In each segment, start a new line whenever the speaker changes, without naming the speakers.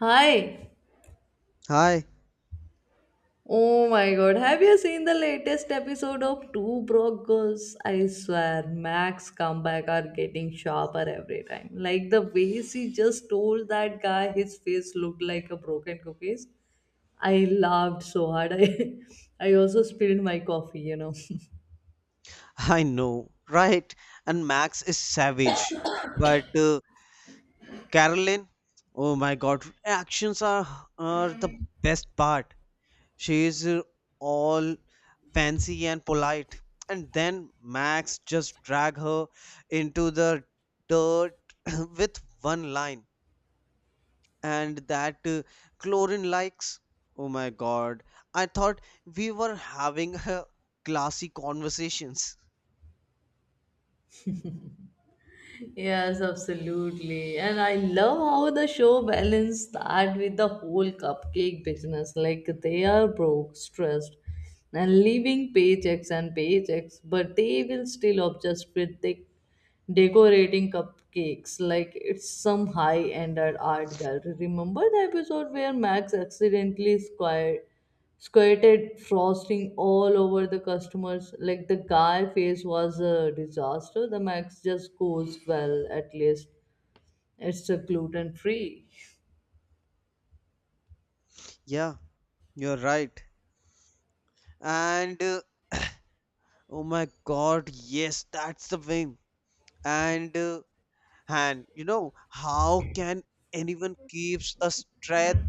Hi.
Hi,
Oh my god, have you seen the latest episode of Two Broke Girls? I swear, Max comeback are getting sharper every time. Like the way she just told that guy his face looked like a broken cookies. I laughed so hard. I, I also spilled my coffee,
I know, right? And Max is savage, but Carolyn, oh my God, actions are the best part. She is all fancy and polite, and then Max just drag her into the dirt with one line, and that Chlorine likes. Oh my God, I thought we were having a classy conversations.
Yes, absolutely. And I love how the show balanced that with the whole cupcake business. Like they are broke, stressed, and living paychecks and paychecks, but they will still obsess with the decorating cupcakes like it's some high-end art gallery. Remember the episode where Max accidentally squared squirted frosting all over the customers. Like the guy face was a disaster. The Max just goes, well, at least it's a gluten free.
Yeah, you're right. And oh my God, yes, that's the thing. And uh, and you know, how can anyone keeps a strength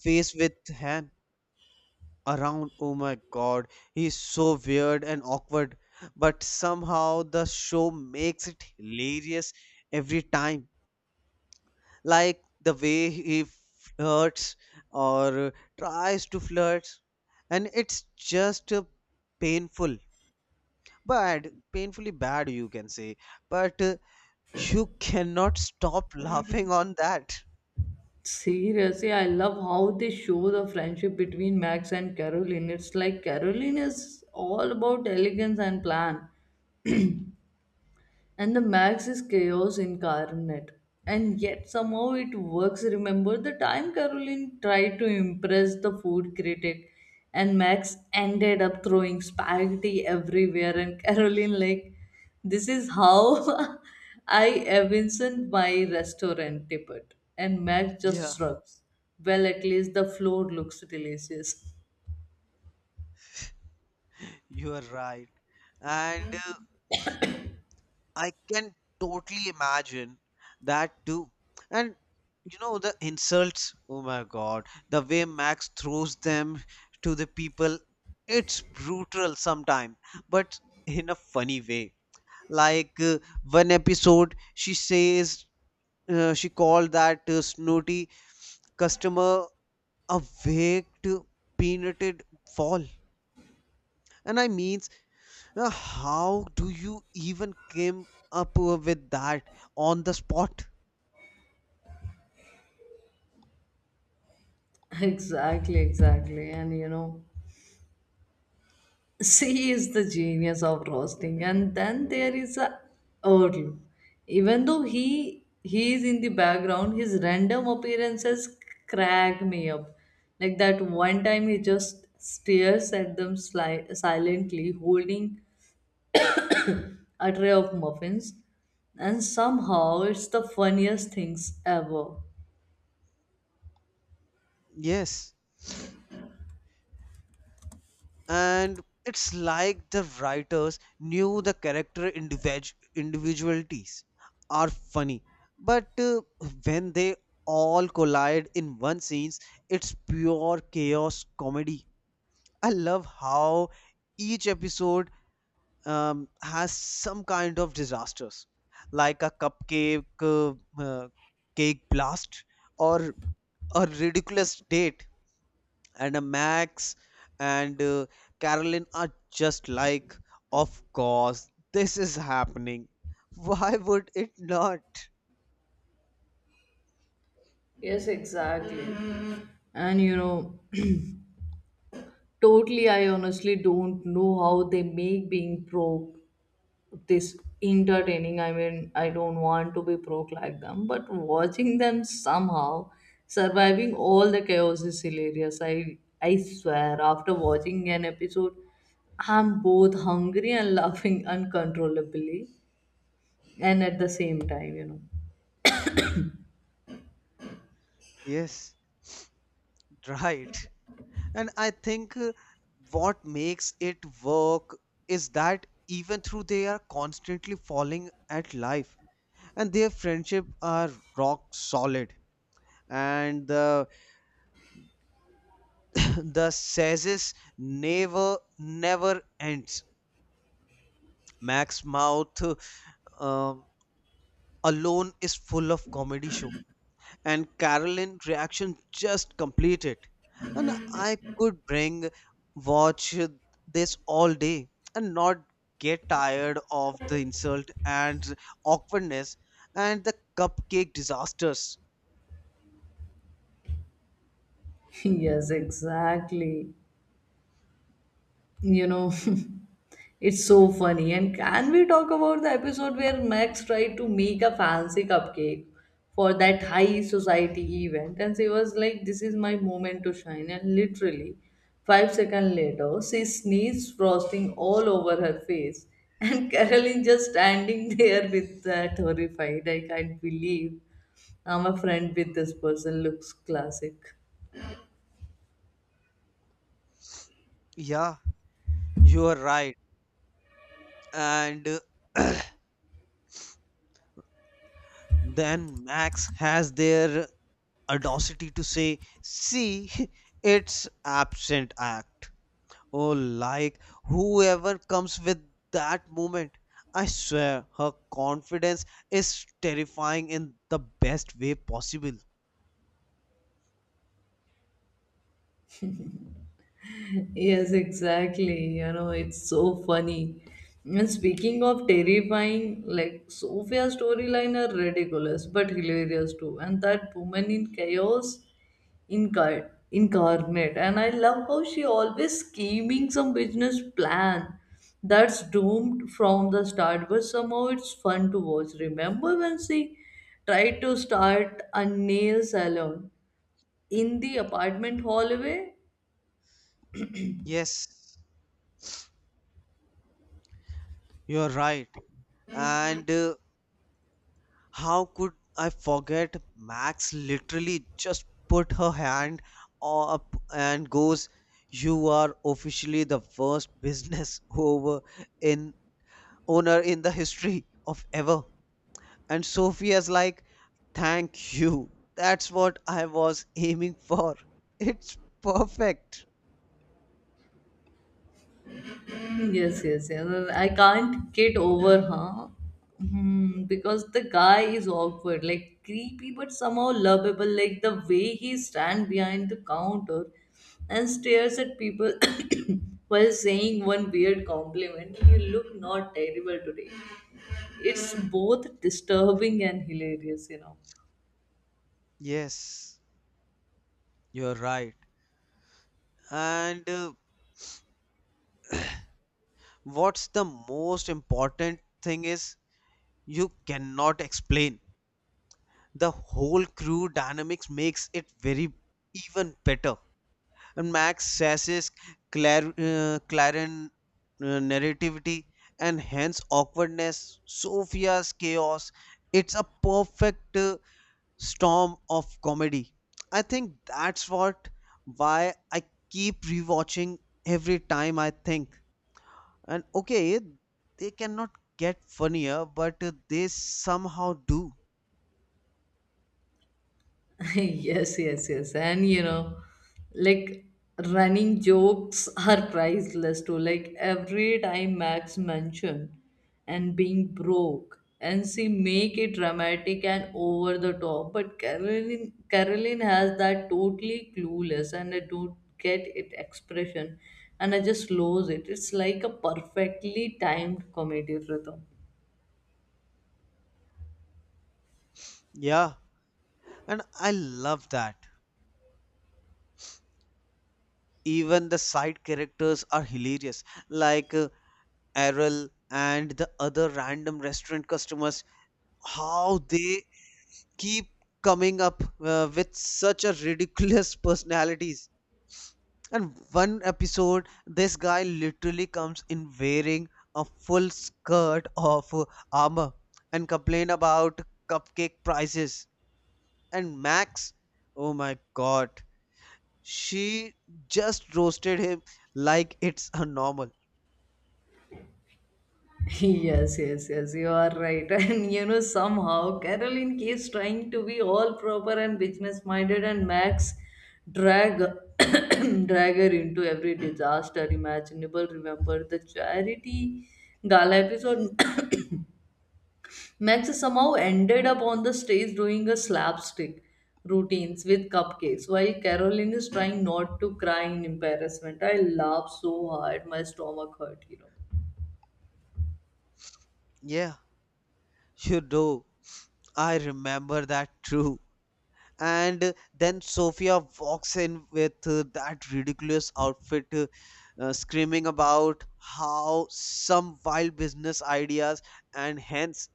face with hand around? Oh my God, he's so weird and awkward, but somehow the show makes it hilarious every time, like the way he flirts or tries to flirt. And it's just painful bad, painfully bad, you can say. But you cannot stop laughing on that.
Seriously, I love how they show the friendship between Max and Caroline. It's like Caroline is all about elegance and plan, and the Max is chaos incarnate. And yet somehow it works. Remember the time Caroline tried to impress the food critic and Max ended up throwing spaghetti everywhere and Caroline like this is how I evinced my restaurant tippet. And Max
Yeah,
just shrugs. Well at least the floor looks delicious.
you are right. And I can totally imagine that too. And you know, the insults, oh my God, the way Max throws them to the people, it's brutal sometimes, but in a funny way. Like one episode she called that snooty customer a waked peanutted wall. And I means, how do you even came up with that on the spot?
Exactly, exactly. And you know she is the genius of roasting, and then there is a Earl. Even though he is in the background, his random appearances crack me up. Like that one time, he just stares at them silently, holding a tray of muffins, and somehow it's the funniest things ever.
Yes, and it's like the writers knew the character individualities are funny, but when they all collide in one scene, it's pure chaos comedy. I love how each episode has some kind of disasters, like a cupcake uh, cake blast, or a ridiculous date, and a Max and Carolyn are just like, of course this is happening, why would it not.
Yes, exactly. And you know, totally, I honestly don't know how they make being broke this entertaining. I mean, I don't want to be broke like them, but watching them somehow surviving all the chaos is hilarious. I swear after watching an episode I'm both hungry and laughing uncontrollably, and at the same time.
Yes, right. And I think what makes it work is that even through they are constantly falling at life, and their friendship are rock solid. And the the says never never ends. Max mouth um, alone is full of comedy show, and Carolyn reaction just completed. And I could bring watch this all day and not get tired of the insult and awkwardness and the cupcake disasters.
Yes, exactly. You know, it's so funny. And can we talk about the episode where Max tried to make a fancy cupcake for that high society event? And she was like, this is my moment to shine. And literally, 5 seconds later, she sneezed frosting all over her face. And Caroline just standing there with that horrified, I can't believe I'm a friend with this person, looks classic.
Yeah, you are right. And uh, then Max has their audacity to say, see, it's absent act. Oh, like, whoever comes with that moment, I swear her confidence is terrifying in the best way possible.
Yes, exactly. You know, it's so funny. And speaking of terrifying, like Sophia's storyline are ridiculous but hilarious too. And that woman in chaos incarnate. And I love how she always scheming some business plan that's doomed from the start, but somehow it's fun to watch. Remember when she tried to start a nail salon in the apartment hallway.
Yes, you're right. And how could I forget? Max literally just put her hand up and goes, "You are officially the worst business over in owner in the history of ever." And Sophia's like, "Thank you. That's what I was aiming for. It's perfect."
Mm, yes, yes, yes. I can't get over her. Hmm, because the guy is awkward, like creepy, but somehow lovable. Like the way he stands behind the counter and stares at people while saying one weird compliment. You look not terrible today. It's both disturbing and hilarious.
Yes, you're right. And what's the most important thing is, you cannot explain, the whole crew dynamics makes it very even better. And Max Sassis, Claren narrativity, and hence awkwardness, Sophia's chaos. It's a perfect storm of comedy. I think that's what why I keep rewatching every time I think. And okay, they cannot get funnier, but they somehow do.
Yes, yes, yes. And you know, like running jokes are priceless too. Like every time Max mention and being broke and she make it dramatic and over the top. But Caroline has that totally clueless and I don't get it expression and I just lose it. It's like a perfectly timed comedy rhythm.
Yeah, and I love that. Even the side characters are hilarious, like Errol and the other random restaurant customers, how they keep coming up with such a ridiculous personalities. And one episode this guy literally comes in wearing a full skirt of armor and complain about cupcake prices, and Max, oh my God, she just roasted him like it's a normal.
Yes, yes, yes, you are right. And you know, somehow Caroline keeps trying to be all proper and business minded, and Max drag drag her into every disaster imaginable. Remember the charity gala episode? Max somehow ended up on the stage doing a slapstick routines with cupcakes while Caroline is trying not to cry in embarrassment. I laughed so hard, my stomach hurt.
Yeah, you do. I remember that too. And then Sophia walks in with that ridiculous outfit, screaming about how some wild business ideas, and hence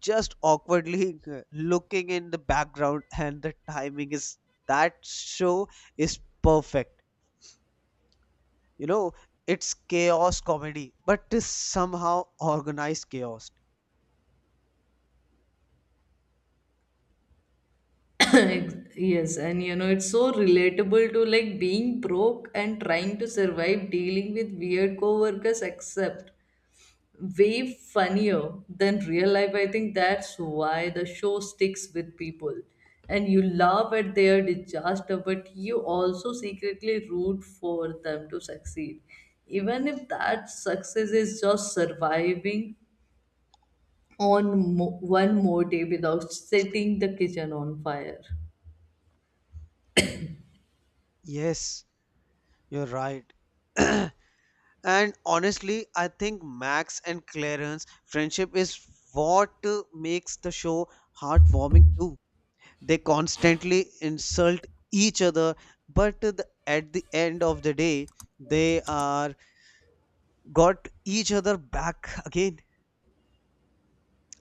just awkwardly looking in the background. And the timing is, that show is perfect. You know, it's chaos comedy, but is somehow organized chaos.
Yes, and you know it's so relatable to, like, being broke and trying to survive dealing with weird coworkers, except way funnier than real life. I think that's why the show sticks with people. And you laugh at their disaster, but you also secretly root for them to succeed, even if that success is just surviving on one more day without setting the kitchen on fire.
Yes, you're right. And honestly, I think Max and Clarence' friendship is what makes the show heartwarming too. They constantly insult each other, but at the end of the day, they are got each other back again.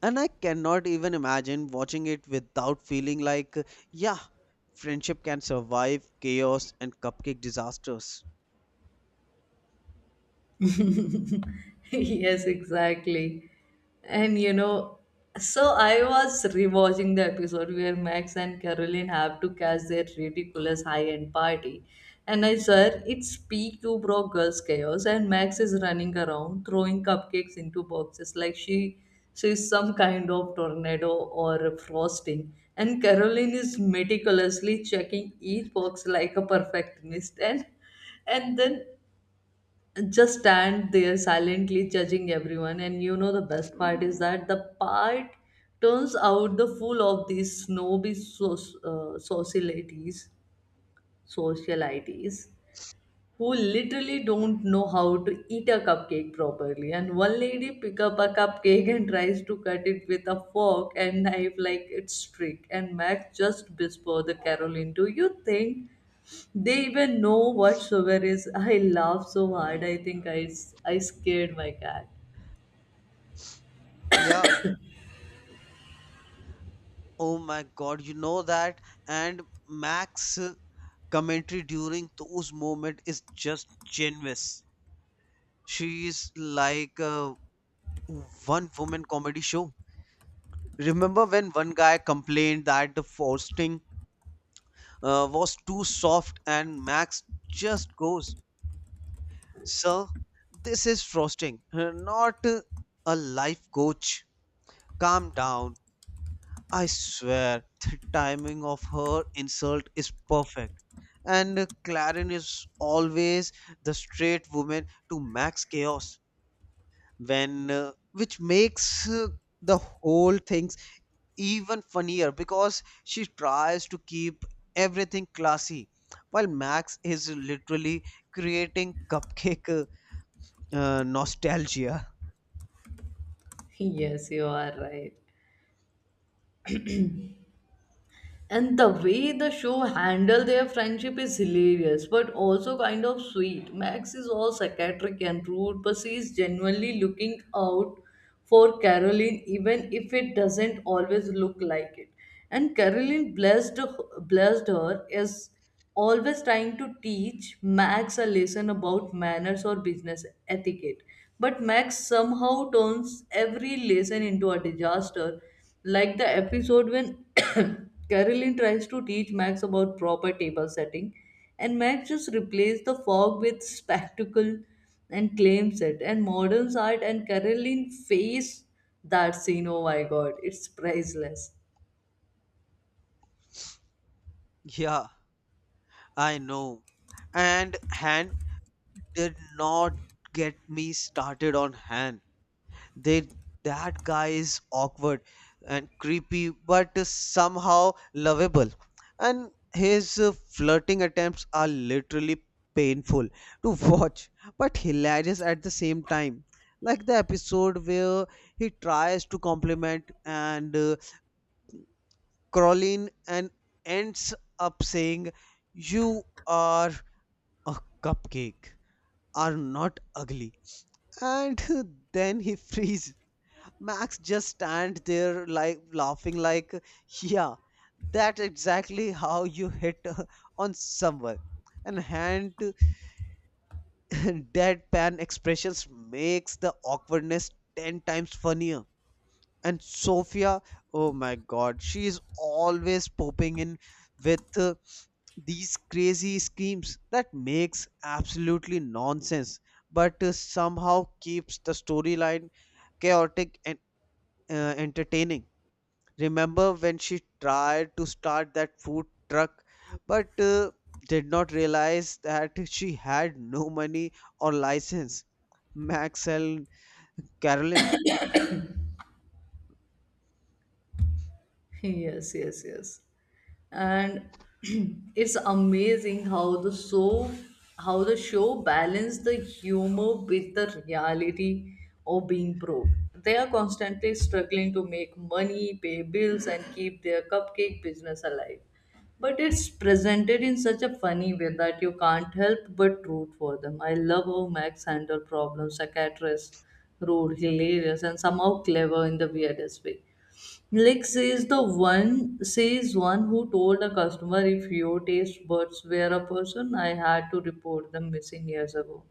And I cannot even imagine watching it without feeling like, yeah, friendship can survive chaos and cupcake disasters.
Yes, exactly. And you know, so I was rewatching the episode where Max and Caroline have to catch their ridiculous high-end party. And I swear, it's peak two broke girls chaos, and Max is running around throwing cupcakes into boxes like she's some kind of tornado or frosting. And Caroline is meticulously checking each box like a perfectionist, and then just stand there silently judging everyone. And you know the best part is that the part turns out the fool of these snobby socialities, socialities, who literally don't know how to eat a cupcake properly. And one lady pick up a cupcake and tries to cut it with a fork and knife like it's trick. And Max just whisper the Carol, do you think they even know what sugar is. I laugh so hard. I think I scared my cat.
Yeah. Oh my God, you know that. And Max. Commentary during those moments is just genius. She is like a one woman comedy show. Remember when one guy complained that the frosting was too soft, and Max just goes, "Sir, this is frosting, not a life coach. Calm down." I swear, the timing of her insult is perfect. And Clarin is always the straight woman to Max chaos, when which makes the whole things even funnier, because she tries to keep everything classy, while Max is literally creating cupcake nostalgia.
Yes, you are right. And the way the show handle their friendship is hilarious, but also kind of sweet. Max is all psychiatric and rude, but she is genuinely looking out for Caroline, even if it doesn't always look like it. And Caroline blessed her as always trying to teach Max a lesson about manners or business etiquette. But Max somehow turns every lesson into a disaster, like the episode when Caroline tries to teach Max about proper table setting, and Max just replaces the fog with spectacle and claims it. And modern art and Caroline face that scene. Oh my god, it's priceless.
Yeah, I know. And hand did not get me started on Han. They, that guy is awkward and creepy, but somehow lovable. And his flirting attempts are literally painful to watch, but hilarious at the same time. Like the episode where he tries to compliment and Caroline, and ends up saying, "You are a cupcake. Are not ugly." And then he freeze, Max just stand there like laughing, like, yeah, that's exactly how you hit on someone. And hand to deadpan expressions makes the awkwardness 10 times funnier. And Sophia, oh my God, she is always popping in with these crazy schemes that makes absolutely nonsense, but somehow keeps the storyline chaotic and entertaining. Remember when she tried to start that food truck, but did not realize that she had no money or license? Max and Carolyn.
Yes, yes, yes. And it's amazing how the show balanced the humor with the reality of being broke. They are constantly struggling to make money, pay bills, and keep their cupcake business alive, but it's presented in such a funny way that you can't help but root for them. I love how Max handled problems, psychiatrist, rude, hilarious, and somehow clever in the weirdest way. Like says the one who told a customer, if your taste buds were a person, I had to report them missing years ago.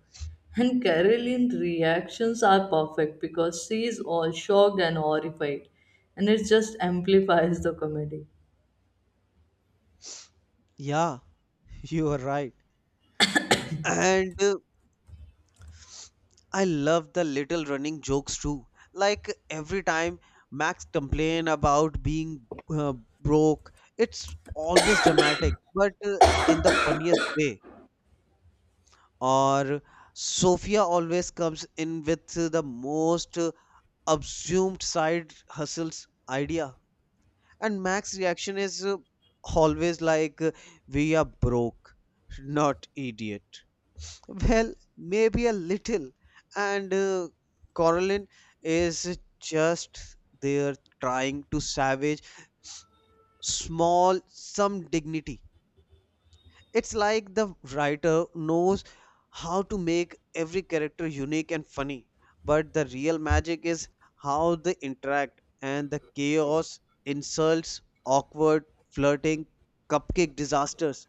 And Caroline's reactions are perfect because she is all shocked and horrified, and it just amplifies the comedy.
Yeah, you are right. And I love the little running jokes too. Like every time Max complain about being uh, broke, it's always dramatic, but in the funniest way. Or Sophia always comes in with the most assumed side hustles idea. And Mac's reaction is always like, we are broke, not idiot. Well, maybe a little. And Coraline is just there trying to savage small some dignity. It's like the writer knows how to make every character unique and funny, but the real magic is how they interact, and the chaos, insults, awkward, flirting, cupcake disasters,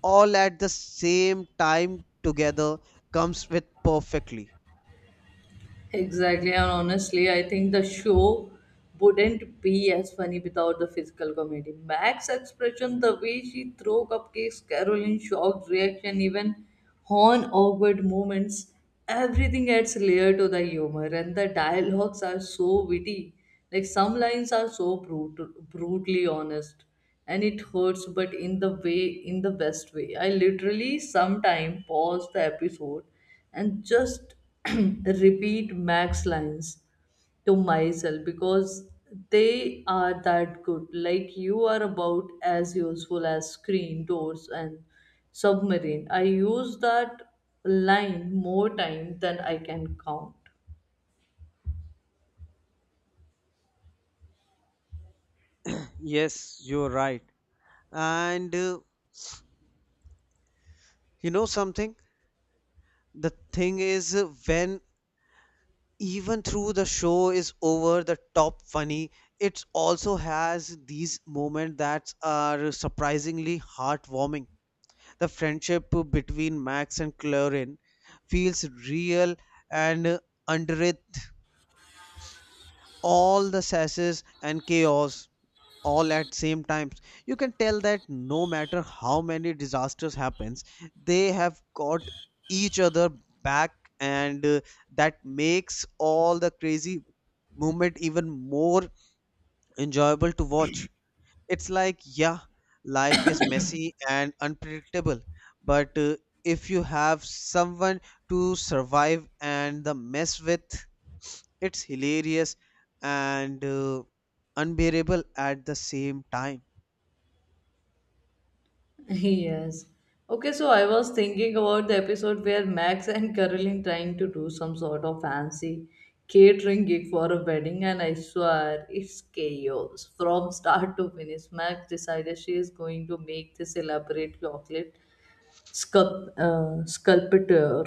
all at the same time together comes with perfectly.
Exactly, and honestly, I think the show wouldn't be as funny without the physical comedy. Mac's expression, the way she threw cupcakes, Caroline's shocked reaction, even horn awkward moments, everything adds layer to the humor, and the dialogues are so witty. Like some lines are so brutally honest, and it hurts, but in the way, in the best way. I literally sometime, pause the episode and just repeat Max lines to myself because they are that good. Like you are about as useful as screen, doors, and submarine. I use that line more time than I can count.
Yes, you're right. And you know something? The thing is, when even through the show is over the top funny, it also has these moments that are surprisingly heartwarming. The friendship between Max and Clarin feels real, and under it all the sasses and chaos all at same times, you can tell that no matter how many disasters happens, they have got each other back. And that makes all the crazy movement even more enjoyable to watch. It's like, yeah, life is messy and unpredictable, but if you have someone to survive and the mess with, it's hilarious and unbearable at the same time.
Yes. Okay, so I was thinking about the episode where Max and Caroline trying to do some sort of fancy catering gig for a wedding, and I swear it's chaos from start to finish. Max decided she is going to make this elaborate chocolate sculpture,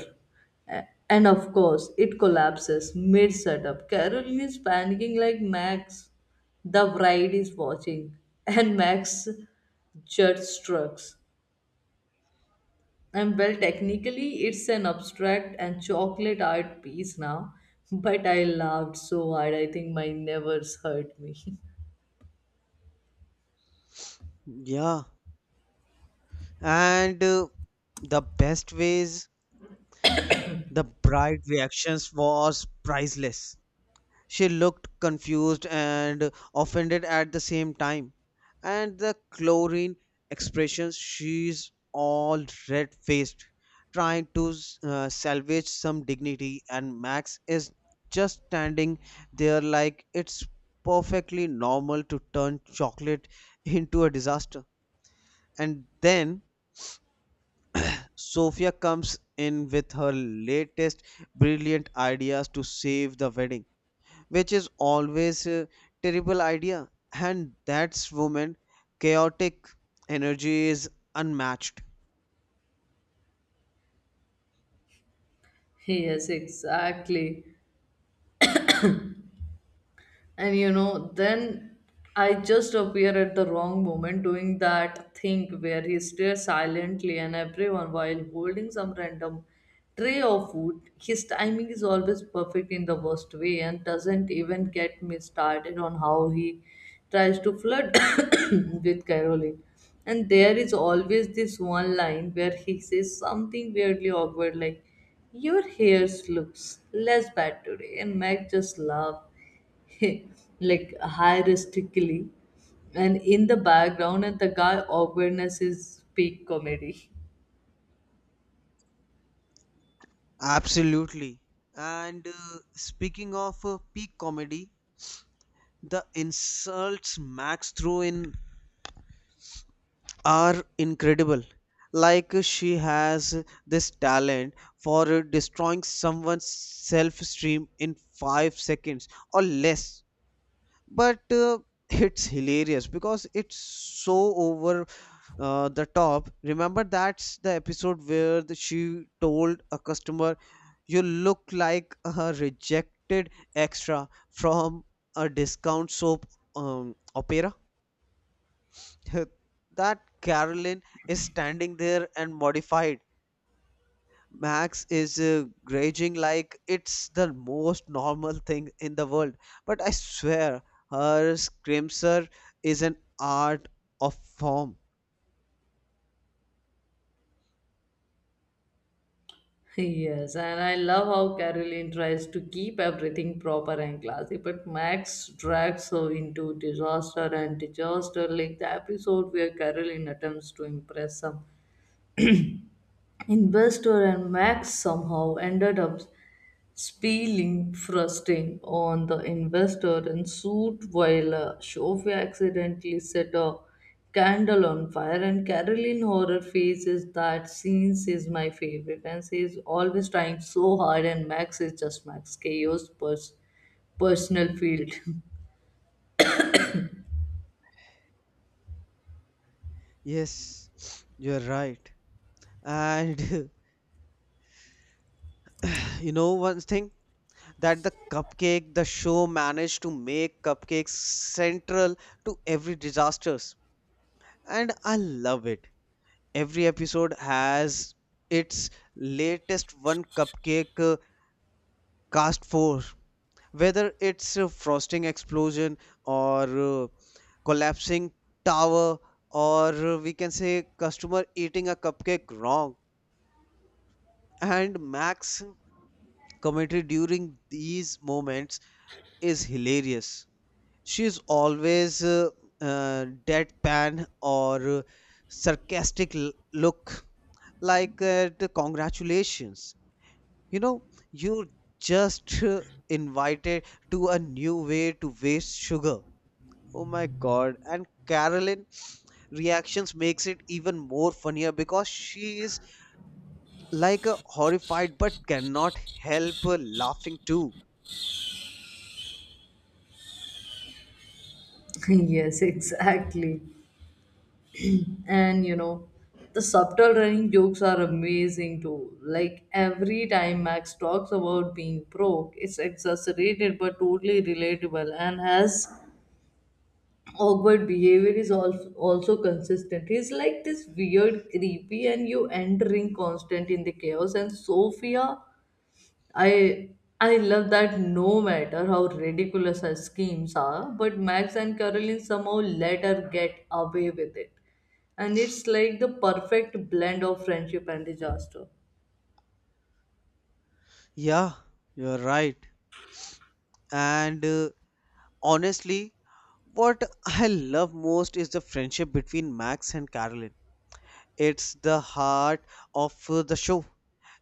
and of course, it collapses mid setup. Caroline is panicking like Max, the bride is watching, and Max just shrugs and well, technically, it's an abstract and chocolate art piece now, but I laughed so hard, I think my nerves hurt me.
Yeah, and the best ways, the bright reactions was priceless. She looked confused and offended at the same time, and the chlorine expression, she's all red faced, trying to salvage some dignity, and Max is just standing there like it's perfectly normal to turn chocolate into a disaster. And then Sophia comes in with her latest brilliant ideas to save the wedding, which is always a terrible idea. And that's woman chaotic energy is unmatched.
Yes, exactly. And you know then I just appear at the wrong moment doing that thing where he stares silently and everyone while holding some random tray of food. His timing is always perfect in the worst way, and doesn't even get me started on how he tries to flirt with Caroline. And there is always this one line where he says something weirdly awkward like, your hair looks less bad today, and Meg just laughs. Like heuristically and in the background, and the guy awkwardness is peak comedy.
Absolutely. And speaking of peak comedy, the insults Max threw in are incredible. Like she has this talent for destroying someone's self esteem in 5 seconds or less. But it's hilarious because it's so over the top. Remember that's the episode where she told a customer, "You look like a rejected extra from a discount soap opera." That Carolyn is standing there and modified, Max is raging like it's the most normal thing in the world, but I swear her scrimser is an art of form.
Yes, and I love how Caroline tries to keep everything proper and classy, but Max drags her into disaster and disaster. Like the episode where Caroline attempts to impress some investor, and Max somehow ended up spilling frosting on the investor and suit, while Sophia accidentally set a candle on fire. And Caroline horror faces, that scenes is my favorite. And she is always trying so hard, and Max is just Max, chaos personal field.
Yes, you're right. And you know one thing, that the cupcake the show managed to make cupcakes central to every disasters, and I love it. Every episode has its latest one cupcake cast for, whether it's a frosting explosion, or collapsing tower, or we can say customer eating a cupcake wrong. And Max commentary during these moments is hilarious. She is always deadpan or sarcastic look, like the congratulations. You know, you just invited to a new way to waste sugar. Oh my God! And Carolyn reactions makes it even more funnier, because she is like a horrified, but cannot help laughing too.
Yes, exactly. And you know the subtle running jokes are amazing too. Like every time Max talks about being broke, it's exaggerated but totally relatable. And has awkward behavior is also consistent. He's like this weird, creepy and you entering constant in the chaos. And Sophia, I I love that no matter how ridiculous her schemes are, but Max and Caroline somehow let her get away with it. And it's like the perfect blend of friendship and disaster.
Yeah, you're right. And honestly, what I love most is the friendship between Max and Carolyn. It's the heart of the show.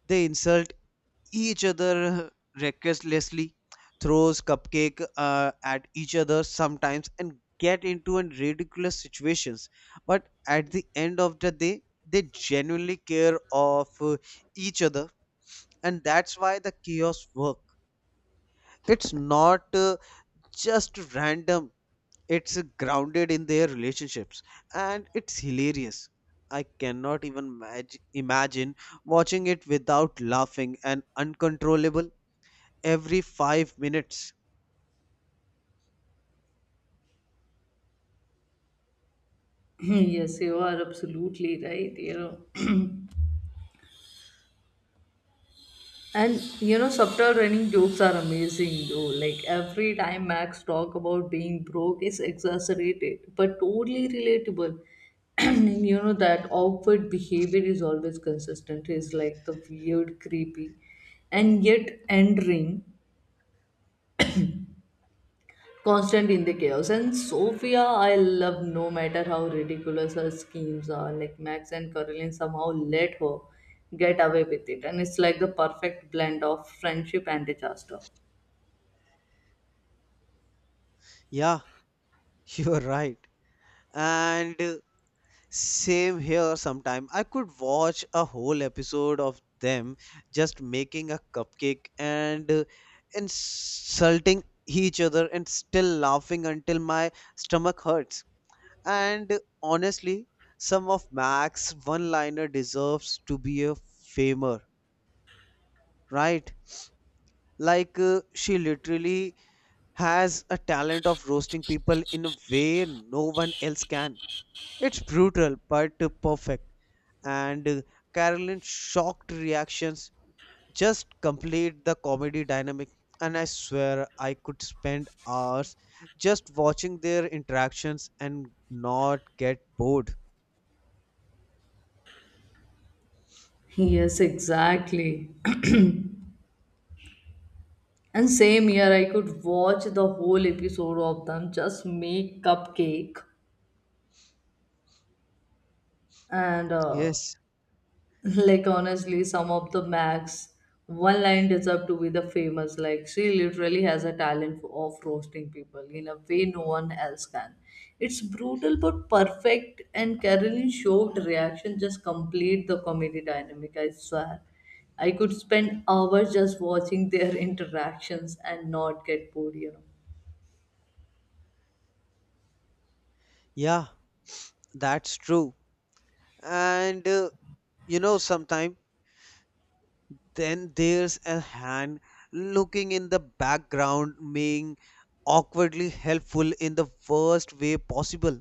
They insult each other recklessly, throws cupcake at each other sometimes, and get into an ridiculous situations. But at the end of the day, they genuinely care of each other, and that's why the chaos work. It's not just random, it's grounded in their relationships, and it's hilarious. I cannot even imagine watching it without laughing and uncontrollable every 5 minutes.
Yes, you are absolutely right, you know. And you know, subtle running jokes are amazing though. Like every time Max talk about being broke is exaggerated, but totally relatable. And you know that awkward behavior is always consistent. It's like the weird, creepy, and yet endearing, constant in the chaos. And Sophia, I love no matter how ridiculous her schemes are. Like Max and Caroline somehow let her get away with it, and it's like the perfect blend of friendship and disaster.
Yeah, you're right. And same here sometime I could watch a whole episode of them just making a cupcake and insulting each other and still laughing until my stomach hurts. And honestly, some of Mac's one-liner deserves to be a famer, right? Like she literally has a talent of roasting people in a way no one else can. It's brutal but perfect, and Carolyn's shocked reactions just complete the comedy dynamic. And I swear I could spend hours just watching their interactions and not get bored.
Yes, exactly. And same year, I could watch the whole episode of them just make cupcake and
Yes.
like honestly some of the Max one line deserve to be the famous. Like she literally has a talent of roasting people in a way no one else can. It's brutal but perfect, and Carolyn showed reaction just complete the comedy dynamic. I swear I could spend hours just watching their interactions and not get bored, you
Yeah. That's true. And you know, sometimes then there's a hand looking in the background, being awkwardly helpful in the worst way possible.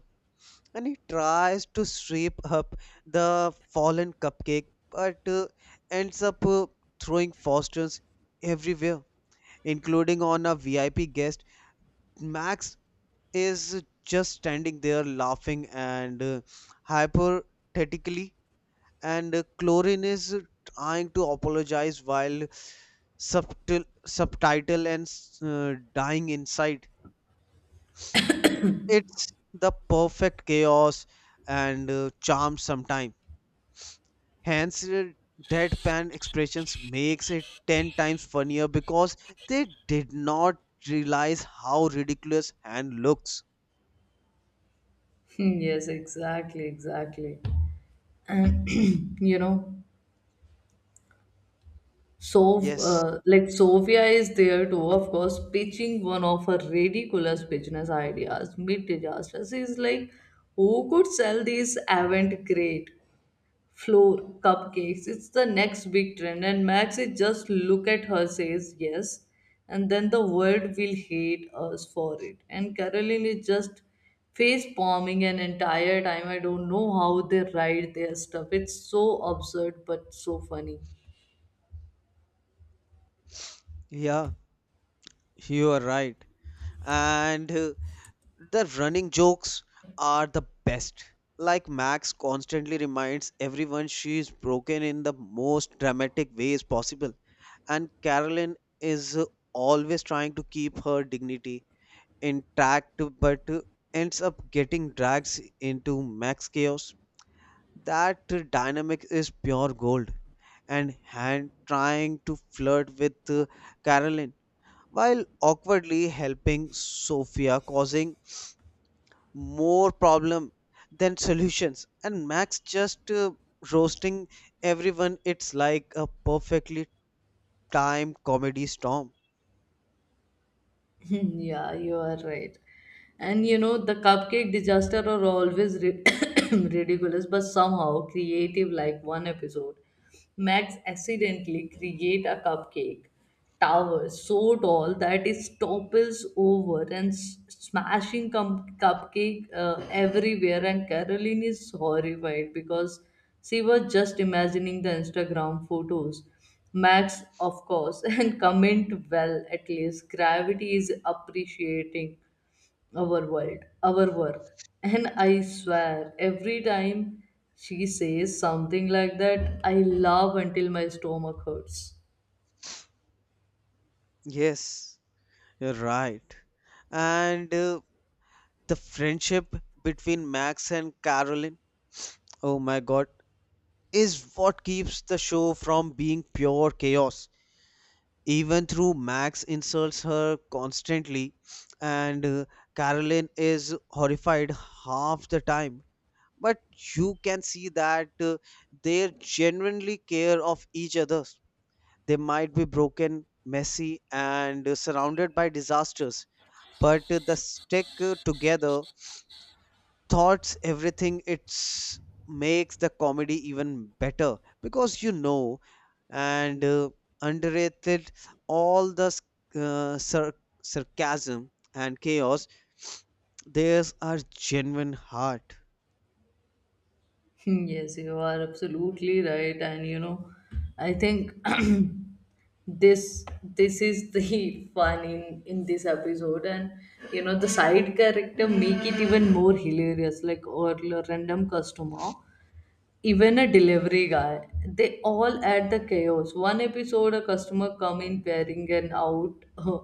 And he tries to sweep up the fallen cupcake, but ends up throwing Foster's everywhere, including on a VIP guest. Max is just standing there laughing and hypothetically, and Chlorine is trying to apologize while subtil, subtitle and dying inside. It's the perfect chaos and charm sometime. Hence, deadpan expressions makes it 10 times funnier, because they did not realize how ridiculous hand looks.
know. Yes, exactly, exactly. And you know,
Yes,
like Sofia is there too, of course, pitching one of her ridiculous business ideas mid disaster. She's like, who could sell these avant grade floor cupcakes? It's the next big trend. And Max is just look at her, says yes, and then the world will hate us for it. And Caroline is just face palming an entire time. I don't know how they write their stuff. It's so absurd, but so funny.
yeah, you are right. And the running jokes are the best. Like Max constantly reminds everyone she is broken in the most dramatic ways possible, and Carolyn is always trying to keep her dignity intact, but ends up getting dragged into Max chaos. That dynamic is pure gold. And Han trying to flirt with Carolyn while awkwardly helping Sophia, causing more problem than solutions, and Max just roasting everyone, it's like a perfectly timed comedy storm.
Yeah, you are right. And you know, the cupcake disaster are always ri- ridiculous, but somehow creative. Like one episode, Max accidentally create a cupcake tower so tall that it topples over and smashing cupcake everywhere. And Caroline is horrified because she was just imagining the Instagram photos. Max, of course, and comment well at least. Gravity is appreciating our work. And I swear, every time she says something like that, I laugh until my stomach hurts.
Yes, you're right. And the friendship between Max and Carolyn, oh my God, is what keeps the show from being pure chaos. Even though Max insults her constantly, and Carolyn is horrified half the time, but you can see that they genuinely care of each other. They might be broken, messy, and surrounded by disasters, but the stick together thoughts everything. It's makes the comedy even better because, you know, and underrated all the uh, sar- sarcasm and chaos, theirs are genuine heart.
Yes, you are absolutely right, and you know, I think this this is the fun in this episode. And you know the side character make it even more hilarious, like or a random customer, even a delivery guy, they all add the chaos. One episode a customer come in wearing an out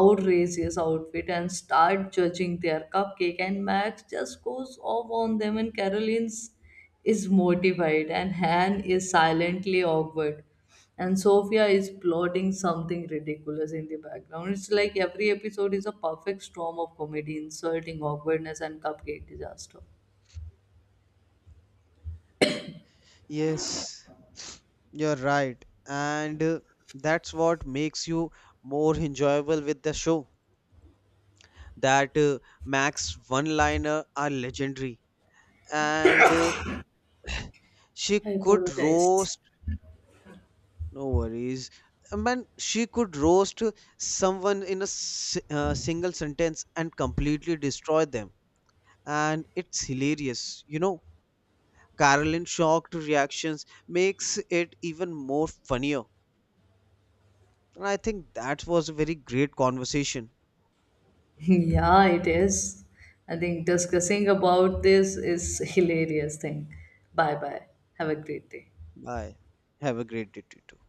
outrageous outfit and start judging their cupcake. And Max just goes off on them, and Caroline's is mortified, and Han is silently awkward, and Sophia is plotting something ridiculous in the background. It's like every episode is a perfect storm of comedy, insulting awkwardness, and cupcake disaster.
Yes, you're right. And that's what makes you more enjoyable with the show. That Max one-liner are legendary. And she
I
could
apologize.
roast, no worries. I mean, she could roast someone in a s single sentence and completely destroy them. And it's hilarious, you know. Carolyn shocked reactions makes it even more funnier. And I think that was a very great conversation.
Yeah, it is. I think discussing about this is hilarious thing. Bye bye. Have a great day.
Bye. Have a great day too.